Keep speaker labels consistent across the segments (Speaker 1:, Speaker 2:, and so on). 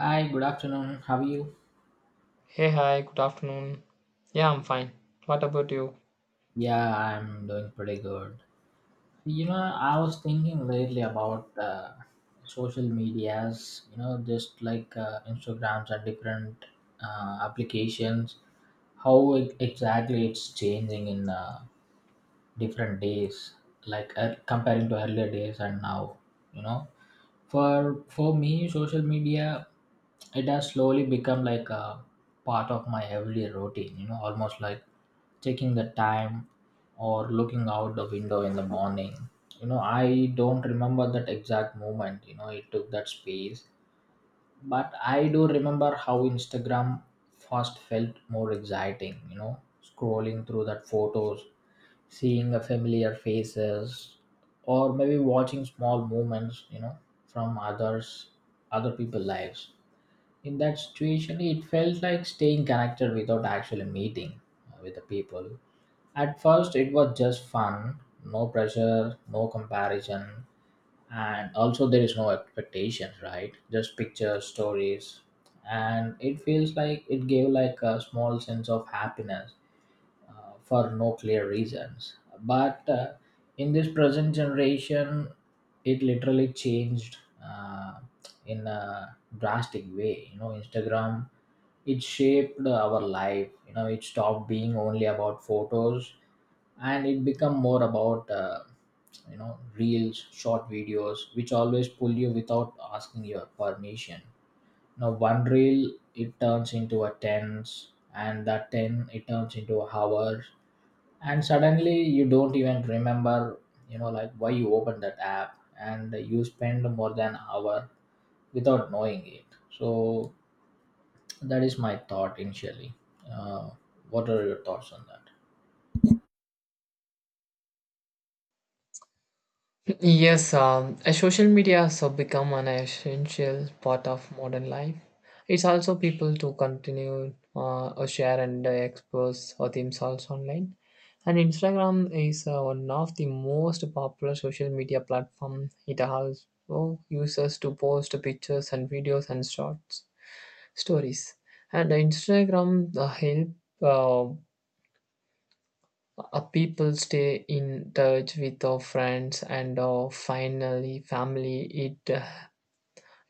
Speaker 1: Hi, good afternoon. How are you?
Speaker 2: Hey, hi, good afternoon. Yeah, I'm fine. What about you?
Speaker 1: Yeah, I'm doing pretty good. You know, I was thinking lately about social medias, just like Instagrams and different applications, how it, exactly it's changing in different days, like comparing to earlier days and now, you know. For me, social media, it has slowly become like a part of my everyday routine, almost like checking the time or looking out the window in the morning. I don't remember that exact moment. It took that space, but I do remember how Instagram first felt more exciting, scrolling through that photos, seeing a familiar faces, or maybe watching small movements, from other people lives. In that situation, it felt like staying connected without actually meeting with the people. At first it was just fun, no pressure, no comparison, and also there is no expectations, right? Just pictures, stories, and it feels like it gave like a small sense of happiness for no clear reasons. But in this present generation, it literally changed uh, in a drastic way. You know, Instagram, it shaped our life. You know, it stopped being only about photos, and it become more about reels, short videos, which always pull you without asking your permission. Now one reel it turns into a tens, and that ten it turns into hours, and suddenly you don't even remember, like why you opened that app, and you spend more than an hour without knowing it. So that is my thought initially. Uh, what are your thoughts on that?
Speaker 2: Yes, Social media has become an essential part of modern life. It's also people to continue or share and expose themselves online. And Instagram is one of the most popular social media platform. It allows oh, users to post pictures and videos and shorts stories. And Instagram help uh, people stay in touch with our friends and our finally family.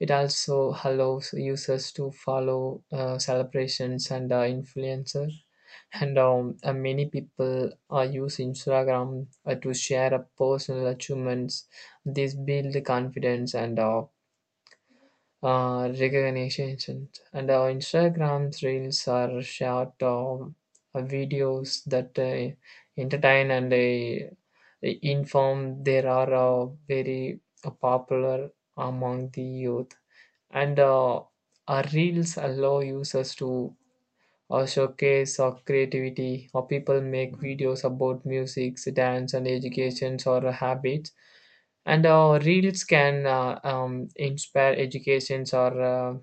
Speaker 2: It also allows users to follow celebrations and influencers. And Many people use Instagram to share personal achievements. This build confidence and recognitions, and our instagram reels are short videos that entertain and inform. There are very popular among the youth, and our reels allow users to showcase our creativity, or people make videos about music, dance, and educations or habits. And reels can inspire educations or uh,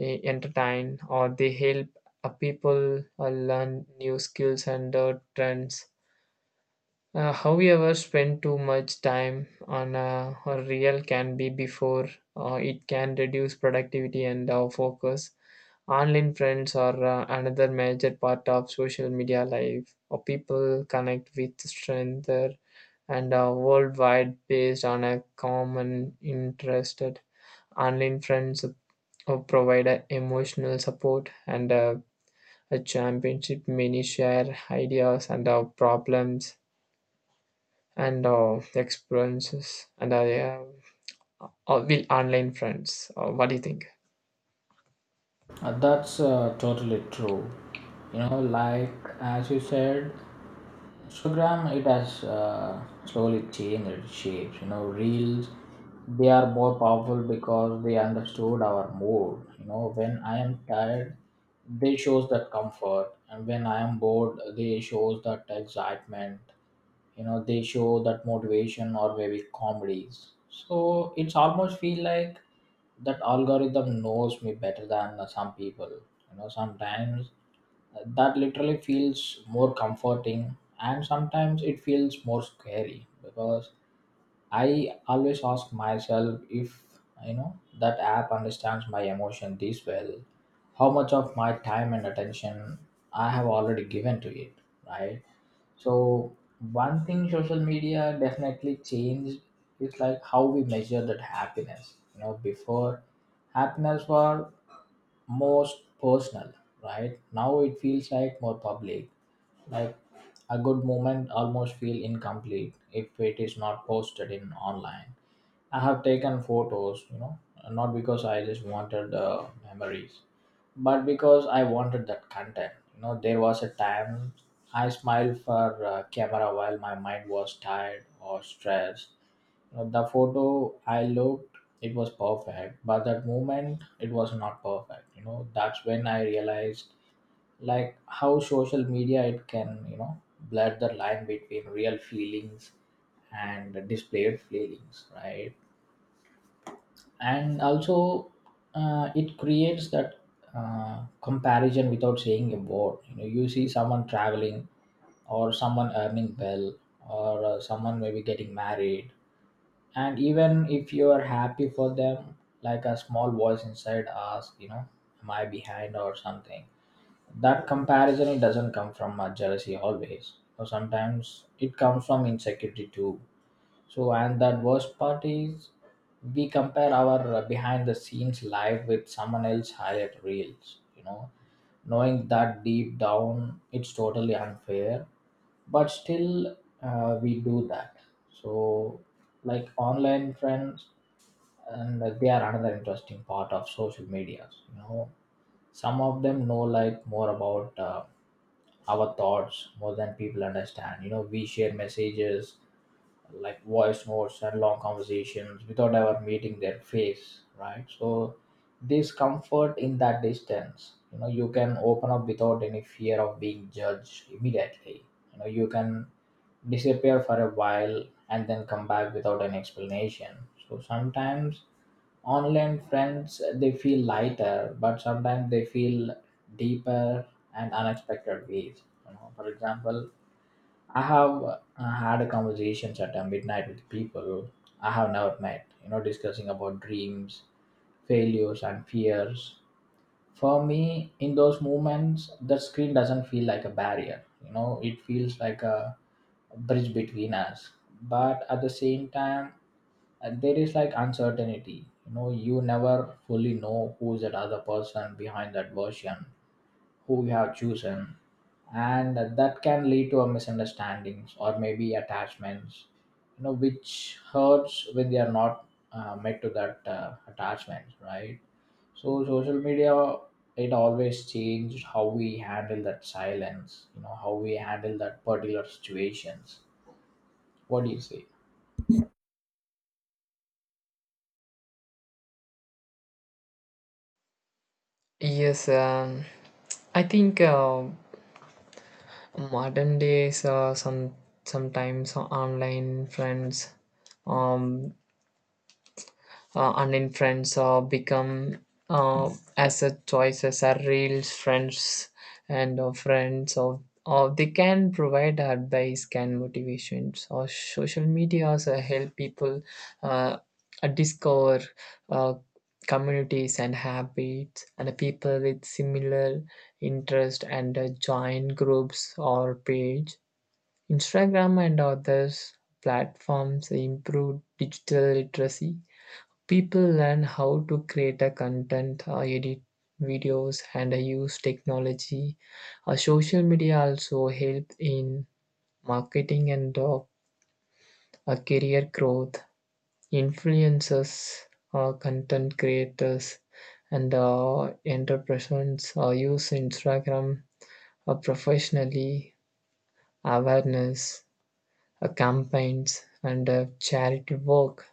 Speaker 2: eh, entertain, or they help a people learn new skills and trends. However, spend too much time on a reel can be before it can reduce productivity and our focus. Online friends are another major part of social media life. Or people connect with strength and are worldwide based on a common interest. Online friends provide emotional support and a championship. Many share ideas and problems and experiences, and yeah, will online friends, what do you think?
Speaker 1: That's totally true. Like as you said. Instagram, it has slowly changed its shapes. You know, reels, they are more powerful because they understood our mood. You know, when I am tired, they shows that comfort, and when I am bored, they shows that excitement. You know, they show that motivation or maybe comedies. So it's almost feel like that algorithm knows me better than some people. You know, sometimes that literally feels more comforting and sometimes it feels more scary because I always ask myself, if that app understands my emotion this well, how much of my time and attention I have already given to it, right? So one thing social media definitely changed is like how we measure that happiness. Before happiness was most personal, right now it feels like more public, like a good moment almost feel incomplete if it is not posted in online. I have taken photos, you know, not because I just wanted memories, but because I wanted that content. You know, there was a time I smiled for camera while my mind was tired or stressed. You know, the photo I looked, it was perfect, but that moment, it was not perfect. You know, that's when I realized like how social media it can, you know, blur the line between real feelings and displayed feelings, right? And also it creates that comparison without saying a word. You know, you see someone traveling, or someone earning well, or someone maybe getting married, and even if you are happy for them, like a small voice inside asks, am I behind or something? That comparison, it doesn't come from jealousy always, so sometimes it comes from insecurity too. And that worst part is, we compare our behind the scenes live with someone else highlight reels, you know, knowing that deep down it's totally unfair, but still we do that. So, like online friends, and they are another interesting part of social media. You know, some of them know like more about our thoughts more than people understand. You know, we share messages like voice notes and long conversations without ever meeting their face, right? So this comfort in that distance, you can open up without any fear of being judged immediately. You can disappear for a while and then come back without an explanation. So sometimes online friends they feel lighter, but sometimes they feel deeper and unexpected ways, for example. I have had conversations at midnight with people I have never met, you know, discussing about dreams, failures, and fears. For me, in those moments, the screen doesn't feel like a barrier, you know, it feels like a bridge between us. But at the same time, there is like uncertainty, you know, you never fully know who's that other person behind that version who you have chosen, and that can lead to a misunderstandings or maybe attachments, which hurts when they are not met to that attachment, right? So social media, it always changed how we handle that silence. How we handle that particular situations. What do you say?
Speaker 2: yes um, I think modern days sometimes online friends um, and in friends become uh, asset choices are real friends. And friends of, or they can provide advice, can motivations. Or social media also help people uh, discover uh, communities and habits and people with similar interest, and join groups or page. Instagram and others platforms improve digital literacy. People learn how to create a content, edit videos, and use technology. Social media also help in marketing and career growth. Influencers, content creators, and entrepreneurs use Instagram professionally, awareness campaigns, and charity work.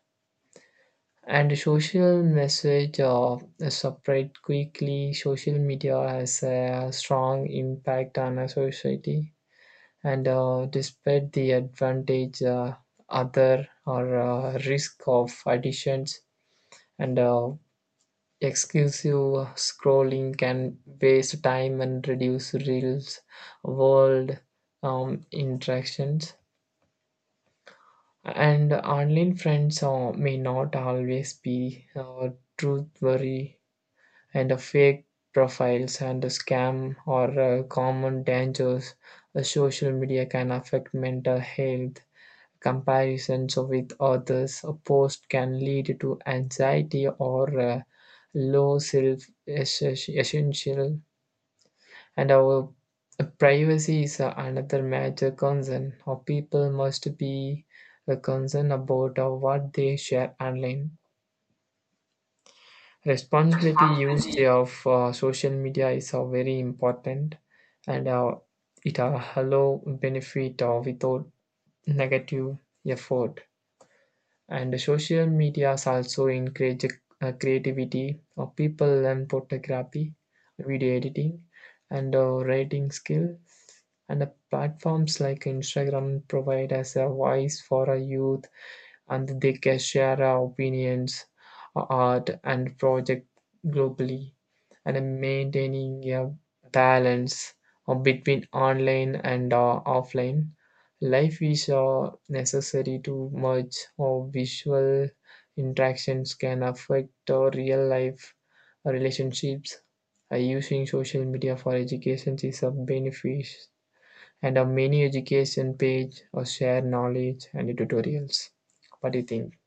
Speaker 2: And the social message spread quickly. Social media has a strong impact on a society, and despite the advantage, other or risk of additions and exclusive scrolling can waste time and reduce reels world interactions. And online friends may not always be truth, and the fake profiles and the scam are common dangers. Social media can affect mental health. Comparisons with others, a post can lead to anxiety or low self essential. And our privacy is another major concern. Or people must be concerned about what they share online. Responsibility used of social media is very important, and it allow benefit without negative effort. And social medias also encourage creativity. People learn photography, video editing, and writing skills. And the platforms like Instagram provide us a voice for a youth, and they can share our opinions, art, and project globally, and maintaining a balance between online and offline. Life is necessary to merge or visual interactions can affect our real life relationships. Using social media for education is a benefit, and a many education page or share knowledge and tutorials. What do you think?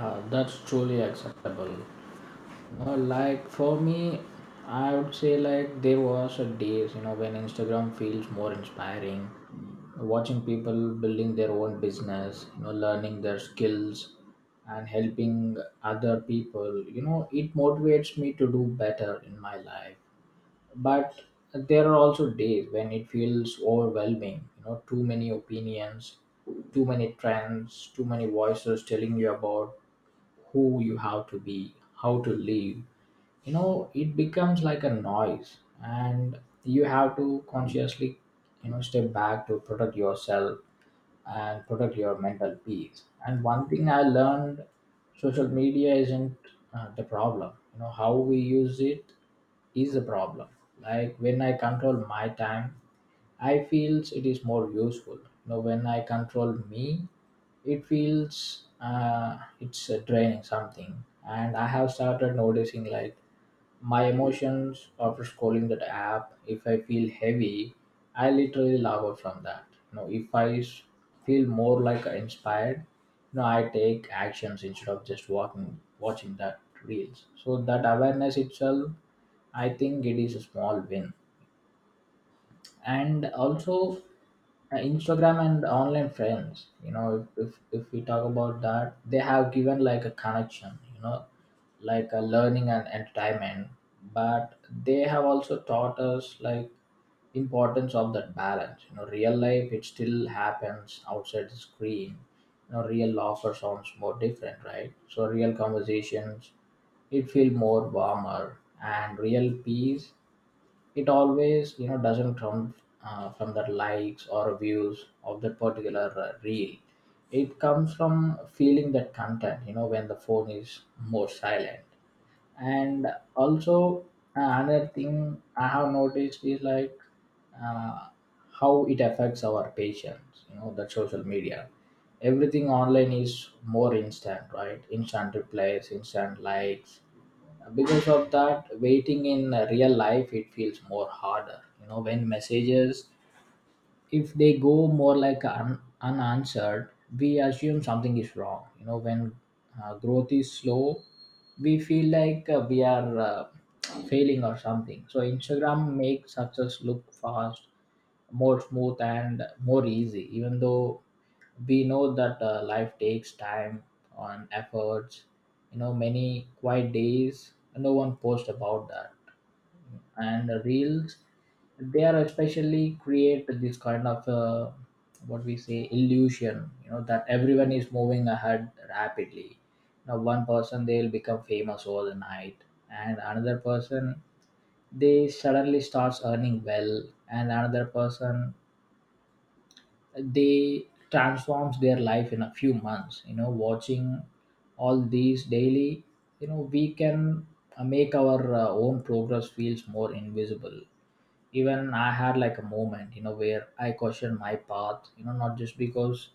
Speaker 1: That's truly acceptable. Like for me, I would say like there was a days when Instagram feels more inspiring, watching people building their own business, you know, learning their skills, and helping other people. You know, it motivates me to do better in my life. But there are also days when it feels overwhelming. You know, too many opinions, too many trends, too many voices telling you about who you have to be, how to live. It becomes like a noise, and you have to consciously, step back to protect yourself and protect your mental peace. And one thing I learned: social media isn't the problem. How we use it is the problem. Like when I control my time, I feels it is more useful. When I control me, it feels it's draining something. And I have started noticing like my emotions after scrolling that app. If I feel heavy, I literally log out from that. If I feel more like inspired, I take actions instead of just walking watching that reels. So that awareness itself, I think it is a small win. And also Instagram and online friends, if we talk about that, they have given like a connection, like a learning and entertainment. But they have also taught us like importance of that balance. Real life it still happens outside the screen. Real laughter sounds more different, right? So real conversations, it feel more warmer, and real peace, it always, doesn't come from the likes or views of that particular reel. It comes from feeling that content, when the phone is more silent. And also another thing I have noticed is like uh, how it affects our patients. That social media, everything online is more instant, right? Instant replies, instant likes. Because of that, waiting in real life it feels more harder. When messages, if they go more like unanswered, we assume something is wrong. When growth is slow, we feel like we are failing or something. So Instagram makes success look fast, more smooth, and more easy, even though we know that life takes time and efforts. Many quiet days no one posts about that. And reels, they are especially create this kind of what we say, illusion. That everyone is moving ahead rapidly. Now one person they'll become famous overnight, and another person they suddenly starts earning well, and another person they transforms their life in a few months. Watching all these daily, we can make our own progress feels more invisible. Even I had like a moment, where I questioned my path. Not just because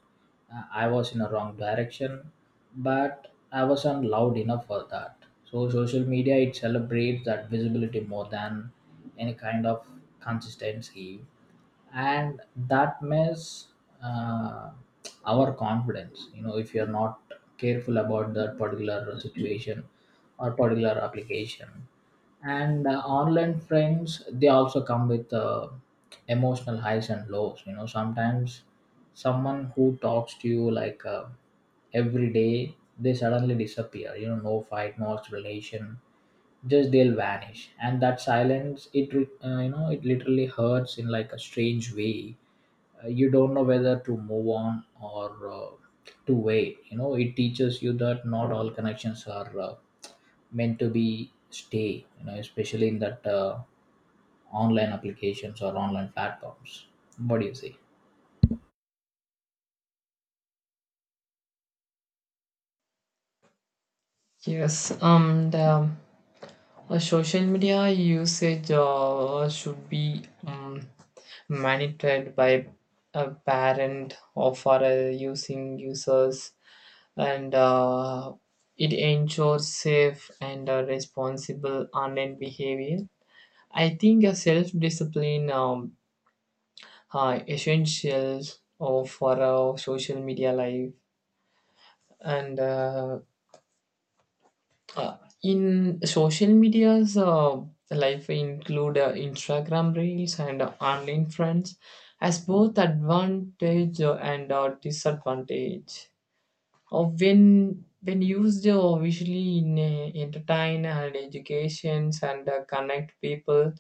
Speaker 1: I was in a wrong direction, but I wasn't loud enough for that. So social media it celebrates that visibility more than any kind of consistency. And that mess uh, our confidence. If you're not careful about that particular situation or particular application. And online friends, they also come with emotional highs and lows. Sometimes someone who talks to you like every day, they suddenly disappear. No fight, no explanation, just they'll vanish. And that silence, it re- you know it literally hurts in like a strange way. You don't know whether to move on or to wait. It teaches you that not all connections are meant to be stay. Especially in that online applications or online platforms. What do you say?
Speaker 2: Yes, the social media usage should be monitored by a parent or for using users, and it ensures safe and responsible online behavior. I think a self-discipline essential for our social media life. And uh, in social media's life include Instagram reels and online friends as both advantage and disadvantage. When used visually in entertain and educations and connect people,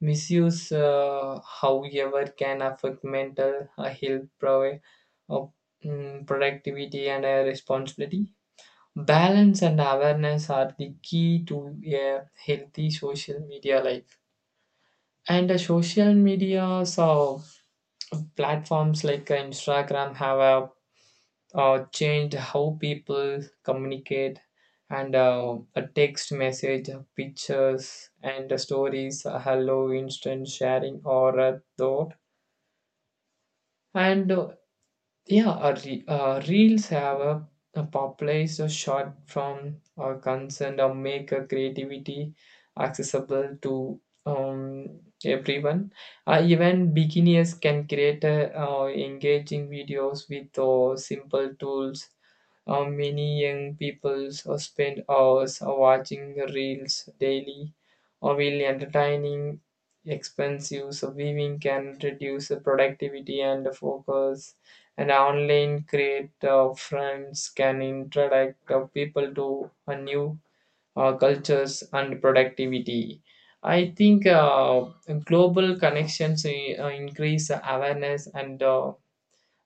Speaker 2: misuse however can affect mental health, uh, productivity and responsibility. Balance and awareness are the key to a healthy social media life. And the social media so platforms like Instagram have changed how people communicate, and a text message, pictures, and stories, hello, instant sharing, or a thought. And uh, Reels have a popularized a short form or concern or make a creativity accessible to everyone. Even beginners can create a, engaging videos with simple tools. Many young people so spend hours watching reels daily, or while entertaining expensive so viewing can reduce the productivity and the focus. And online create friends can introduce people to a new cultures and productivity. I think global connections increase awareness and uh,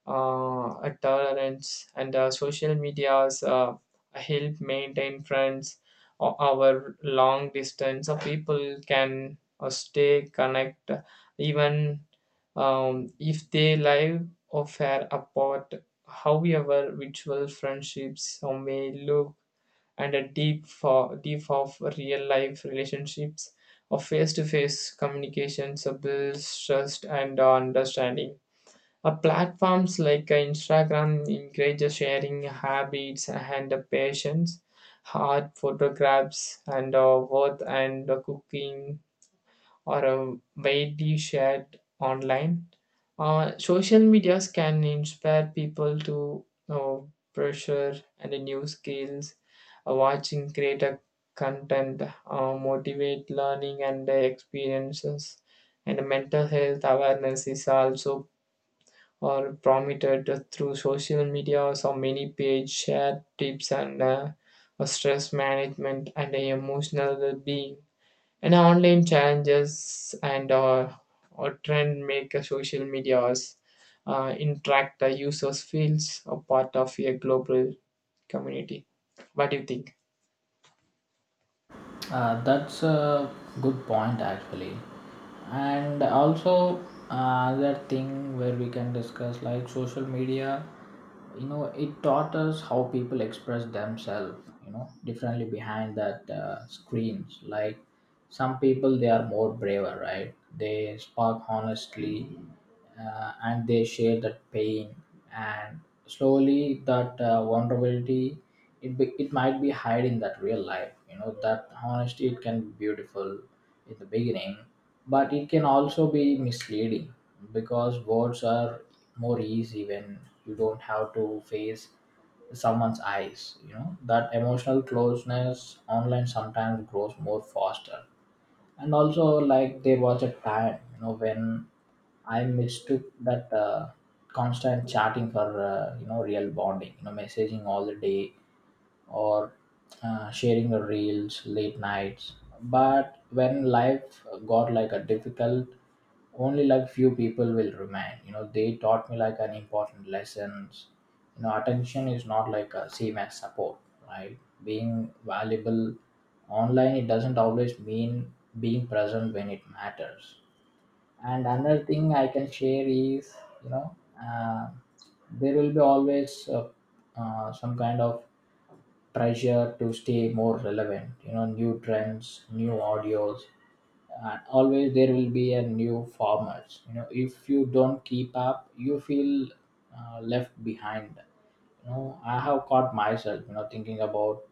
Speaker 2: uh, a tolerance, and social medias help maintain friends our long distance, so people can stay connect even if they live or far apart. However virtual friendships may look and a deep for deep of real life relationships, or face-to-face communications builds trust and understanding. Platforms like Instagram encourage sharing habits and passions, art, photographs, and worth, and cooking are widely shared online. Social medias can inspire people to pressure and new skills, watching creator content, motivate learning and experiences, and mental health awareness is also are promoted through social media. So many page share tips and stress management and emotional well-being. And online challenges and or trend make a social medias interact the users feels a part of a global community. What do you think?
Speaker 1: That's a good point actually, and also another thing where we can discuss like social media. You know, it taught us how people express themselves. You know, differently behind that screens. Like some people, they are more braver, right? They spark honestly, and they share that pain, and slowly that vulnerability it might be hide in that real life. You know, that honesty it can be beautiful in the beginning, but it can also be misleading because words are more easy when you don't have to face someone's eyes. You know, that emotional closeness online sometimes grows more faster. And also, like, there was a time, you know, when I mistook that constant chatting for you know, real bonding. You know, messaging all the day, or sharing the reels late nights. But when life got like a difficult, only like few people will remain. You know, they taught me like an important lessons. You know, attention is not like a same as support, right? Being valuable online, it doesn't always mean being present when it matters. And another thing I can share is, you know, uh, there will be always some kind of pressure to stay more relevant. You know, new trends, new audios, and always there will be a new formats. You know, if you don't keep up, you feel left behind. You know, I have caught myself, you know, thinking about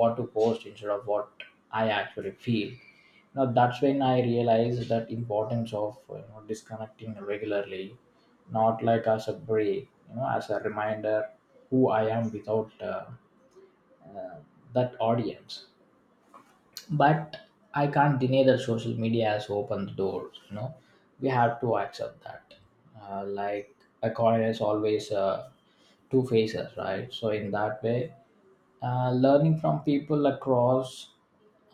Speaker 1: what to post instead of what I actually feel. Now that's when I realized that importance of, you know, disconnecting regularly, not like as a break, you know, as a reminder who I am without uh, that audience. But I can't deny that social media has opened the doors, you know. We have to accept that. Like a coin is always two faces, right? So in that way, learning from people across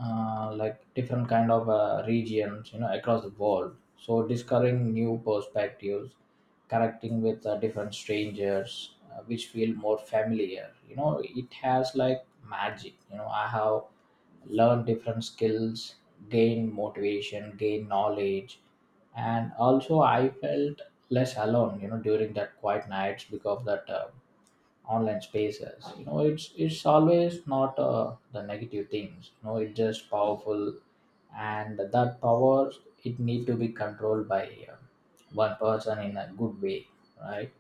Speaker 1: like different kind of regions, you know, across the world, so discovering new perspectives, connecting with different strangers which feel more familiar. You know, it has like magic. You know, I have learned different skills, gain motivation, gain knowledge, and also I felt less alone, you know, during that quiet nights, because of that online spaces. You know, it's always not the negative things. You know, it's just powerful, and that power it need to be controlled by uh, one person in a good way, right?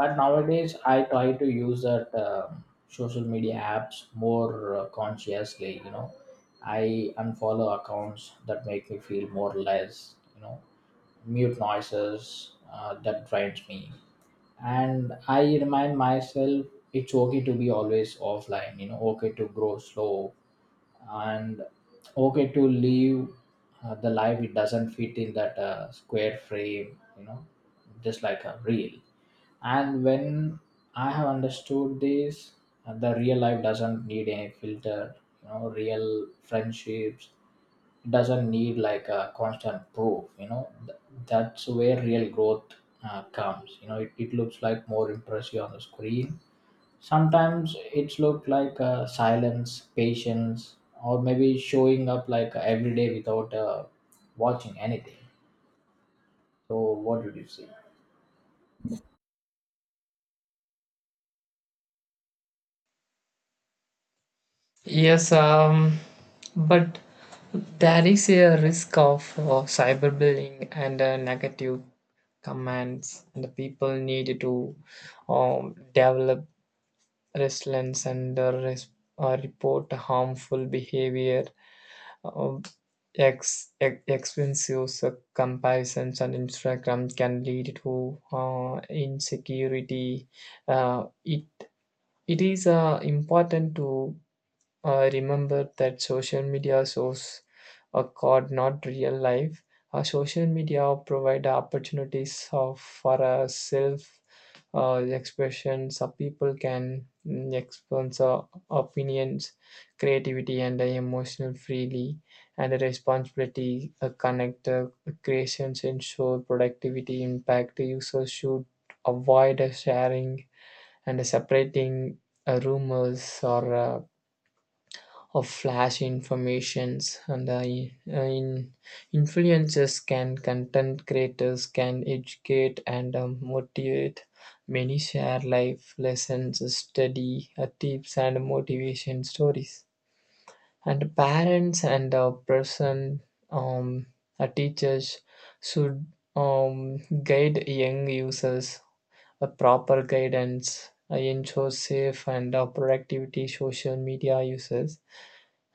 Speaker 1: But nowadays I try to use that social media apps more consciously, you know. I unfollow accounts that make me feel more or less, you know, mute noises that drains me, and I remind myself it's okay to be always offline. You know, okay to grow slow, and okay to live the life it doesn't fit in that square frame, you know, just like a reel. And when I have understood this, the real life doesn't need any filter. You know, real friendships doesn't need like a constant proof, you know. That's where real growth comes. You know, it looks like more impressive on the screen. Sometimes it's look like silence, patience, or maybe showing up like every day without watching anything. So what did you see?
Speaker 2: Yes, um, but there is a risk of cyberbullying and negative commands, and the people need to develop resilience and report harmful behavior. um, Expensive comparisons on Instagram can lead to insecurity. uh, it, it is important to remember that social media shows a card, not real life. Social media provide opportunities of, for a self expression, so people can express opinions, creativity, and emotional freely, and the responsibility connect creations ensure productivity impact. The user should avoid sharing and separating rumors or of flash informations, and influencers can content creators can educate and motivate. Many share life lessons, study tips and motivation stories. And parents and person um, teachers should guide young users. A proper guidance ensure safe and productivity social media users.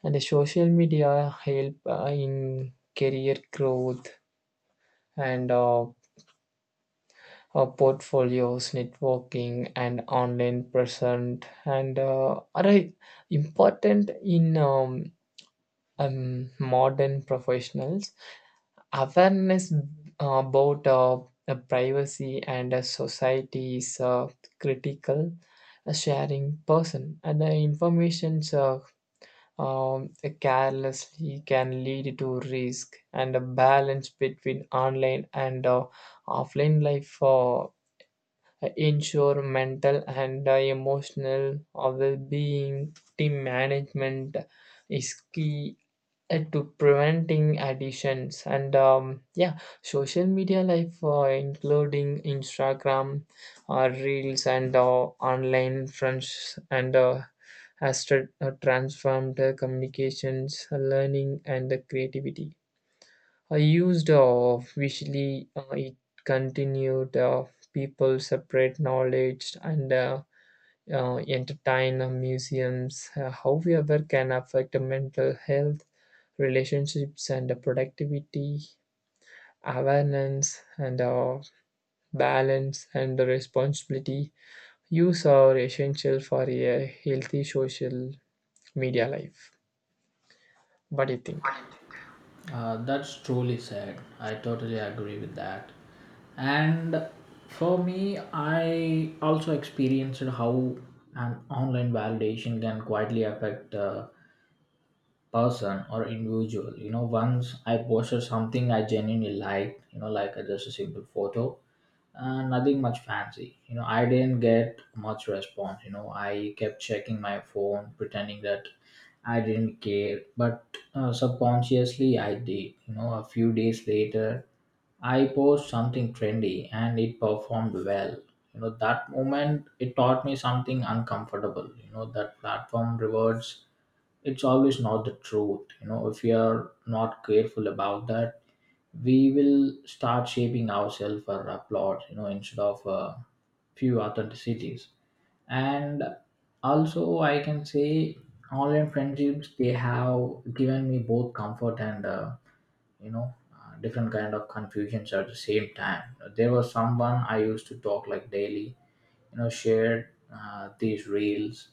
Speaker 2: And the social media help in career growth, and portfolios, networking, and online present, and important in modern professionals. Awareness about privacy and society is critical. Sharing person and the information um, carelessly can lead to risk, and a balance between online and offline life ensure mental and emotional well-being. Team management is key to preventing addictions. And Yeah, social media life including Instagram reels and online friends, and transformed communications, learning, and the creativity. I used visually it continued people separate knowledge and entertain museums, however, can affect the mental health, relationships, and the productivity, awareness, and balance and the responsibility. Use are essential for a healthy social media life. What do you think?
Speaker 1: That's truly said. I totally agree with that. And for me, I also experienced how an online validation can quietly affect person or individual. You know, once I posted something I genuinely liked, you know, like just a simple photo and nothing much fancy, you know. I didn't get much response. You know, I kept checking my phone pretending that I didn't care, but subconsciously I did. You know, a few days later I post something trendy and it performed well. You know, that moment it taught me something uncomfortable. You know, that platform rewards, it's always not the truth. You know, if we are not careful about that, we will start shaping ourselves for applause, you know, instead of few authenticities. And also I can say online friendships, they have given me both comfort and you know, different kind of confusions at the same time. There was someone I used to talk like daily, you know, shared these reels,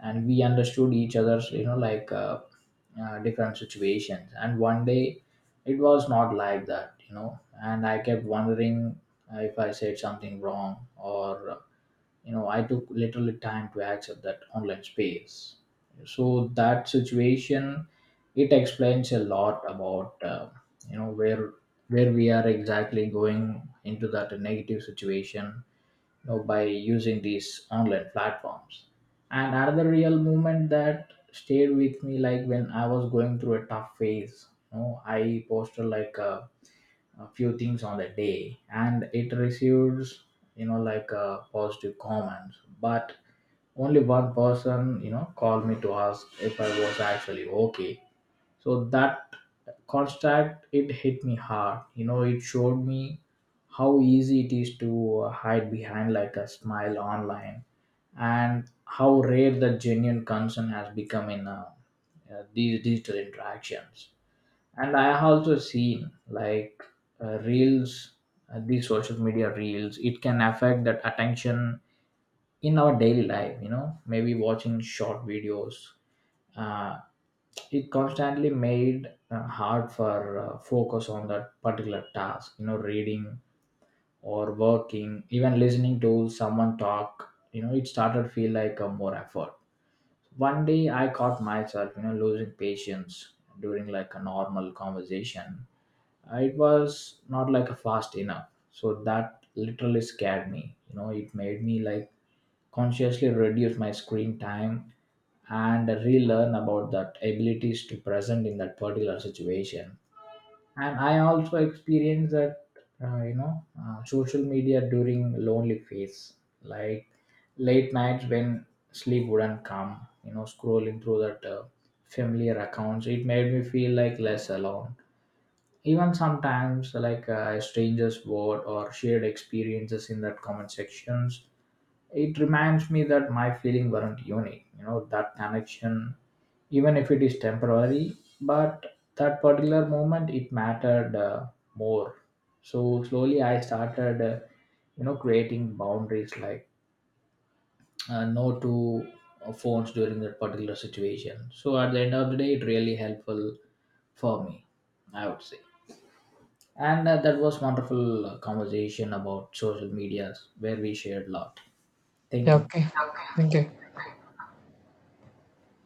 Speaker 1: and we understood each other's, you know, like different situations. And one day it was not like that, you know. And I kept wondering if I said something wrong, or, you know, I took literally time to accept that online space. So that situation, it explains a lot about you know, where we are exactly going into that negative situation, you know, by using these online platforms. And another real moment that stayed with me, like when I was going through a tough phase, you know, I posted like a few things on the day, and it receives, you know, like positive comments, but only one person, you know, called me to ask if I was actually okay. So that contact, it hit me hard. You know, it showed me how easy it is to hide behind like a smile online, and how rare the genuine concern has become in these digital interactions. And I have also seen like reels, these social media reels, it can affect that attention in our daily life. You know, maybe watching short videos, uh, it constantly made hard for focus on that particular task. You know, reading or working, even listening to someone talk, you know, it started feel like a more effort. One day I caught myself, you know, losing patience during like a normal conversation. It was not like a fast enough, so that literally scared me. You know, it made me like consciously reduce my screen time and relearn about that abilities to present in that particular situation. And I also experienced that you know, social media during lonely phase, like late nights when sleep wouldn't come. You know, scrolling through that familiar accounts, it made me feel like less alone. Even sometimes like strangers word or shared experiences in that comment sections, it reminds me that my feeling weren't unique. You know, that connection, even if it is temporary, but that particular moment it mattered more. So slowly I started, you know, creating boundaries, like no to phones during that particular situation. So at the end of the day, it really helpful for me, I would say. And that was wonderful conversation about social medias where we shared a lot. Thank
Speaker 2: Yeah,
Speaker 1: you.
Speaker 2: okay. Thank you.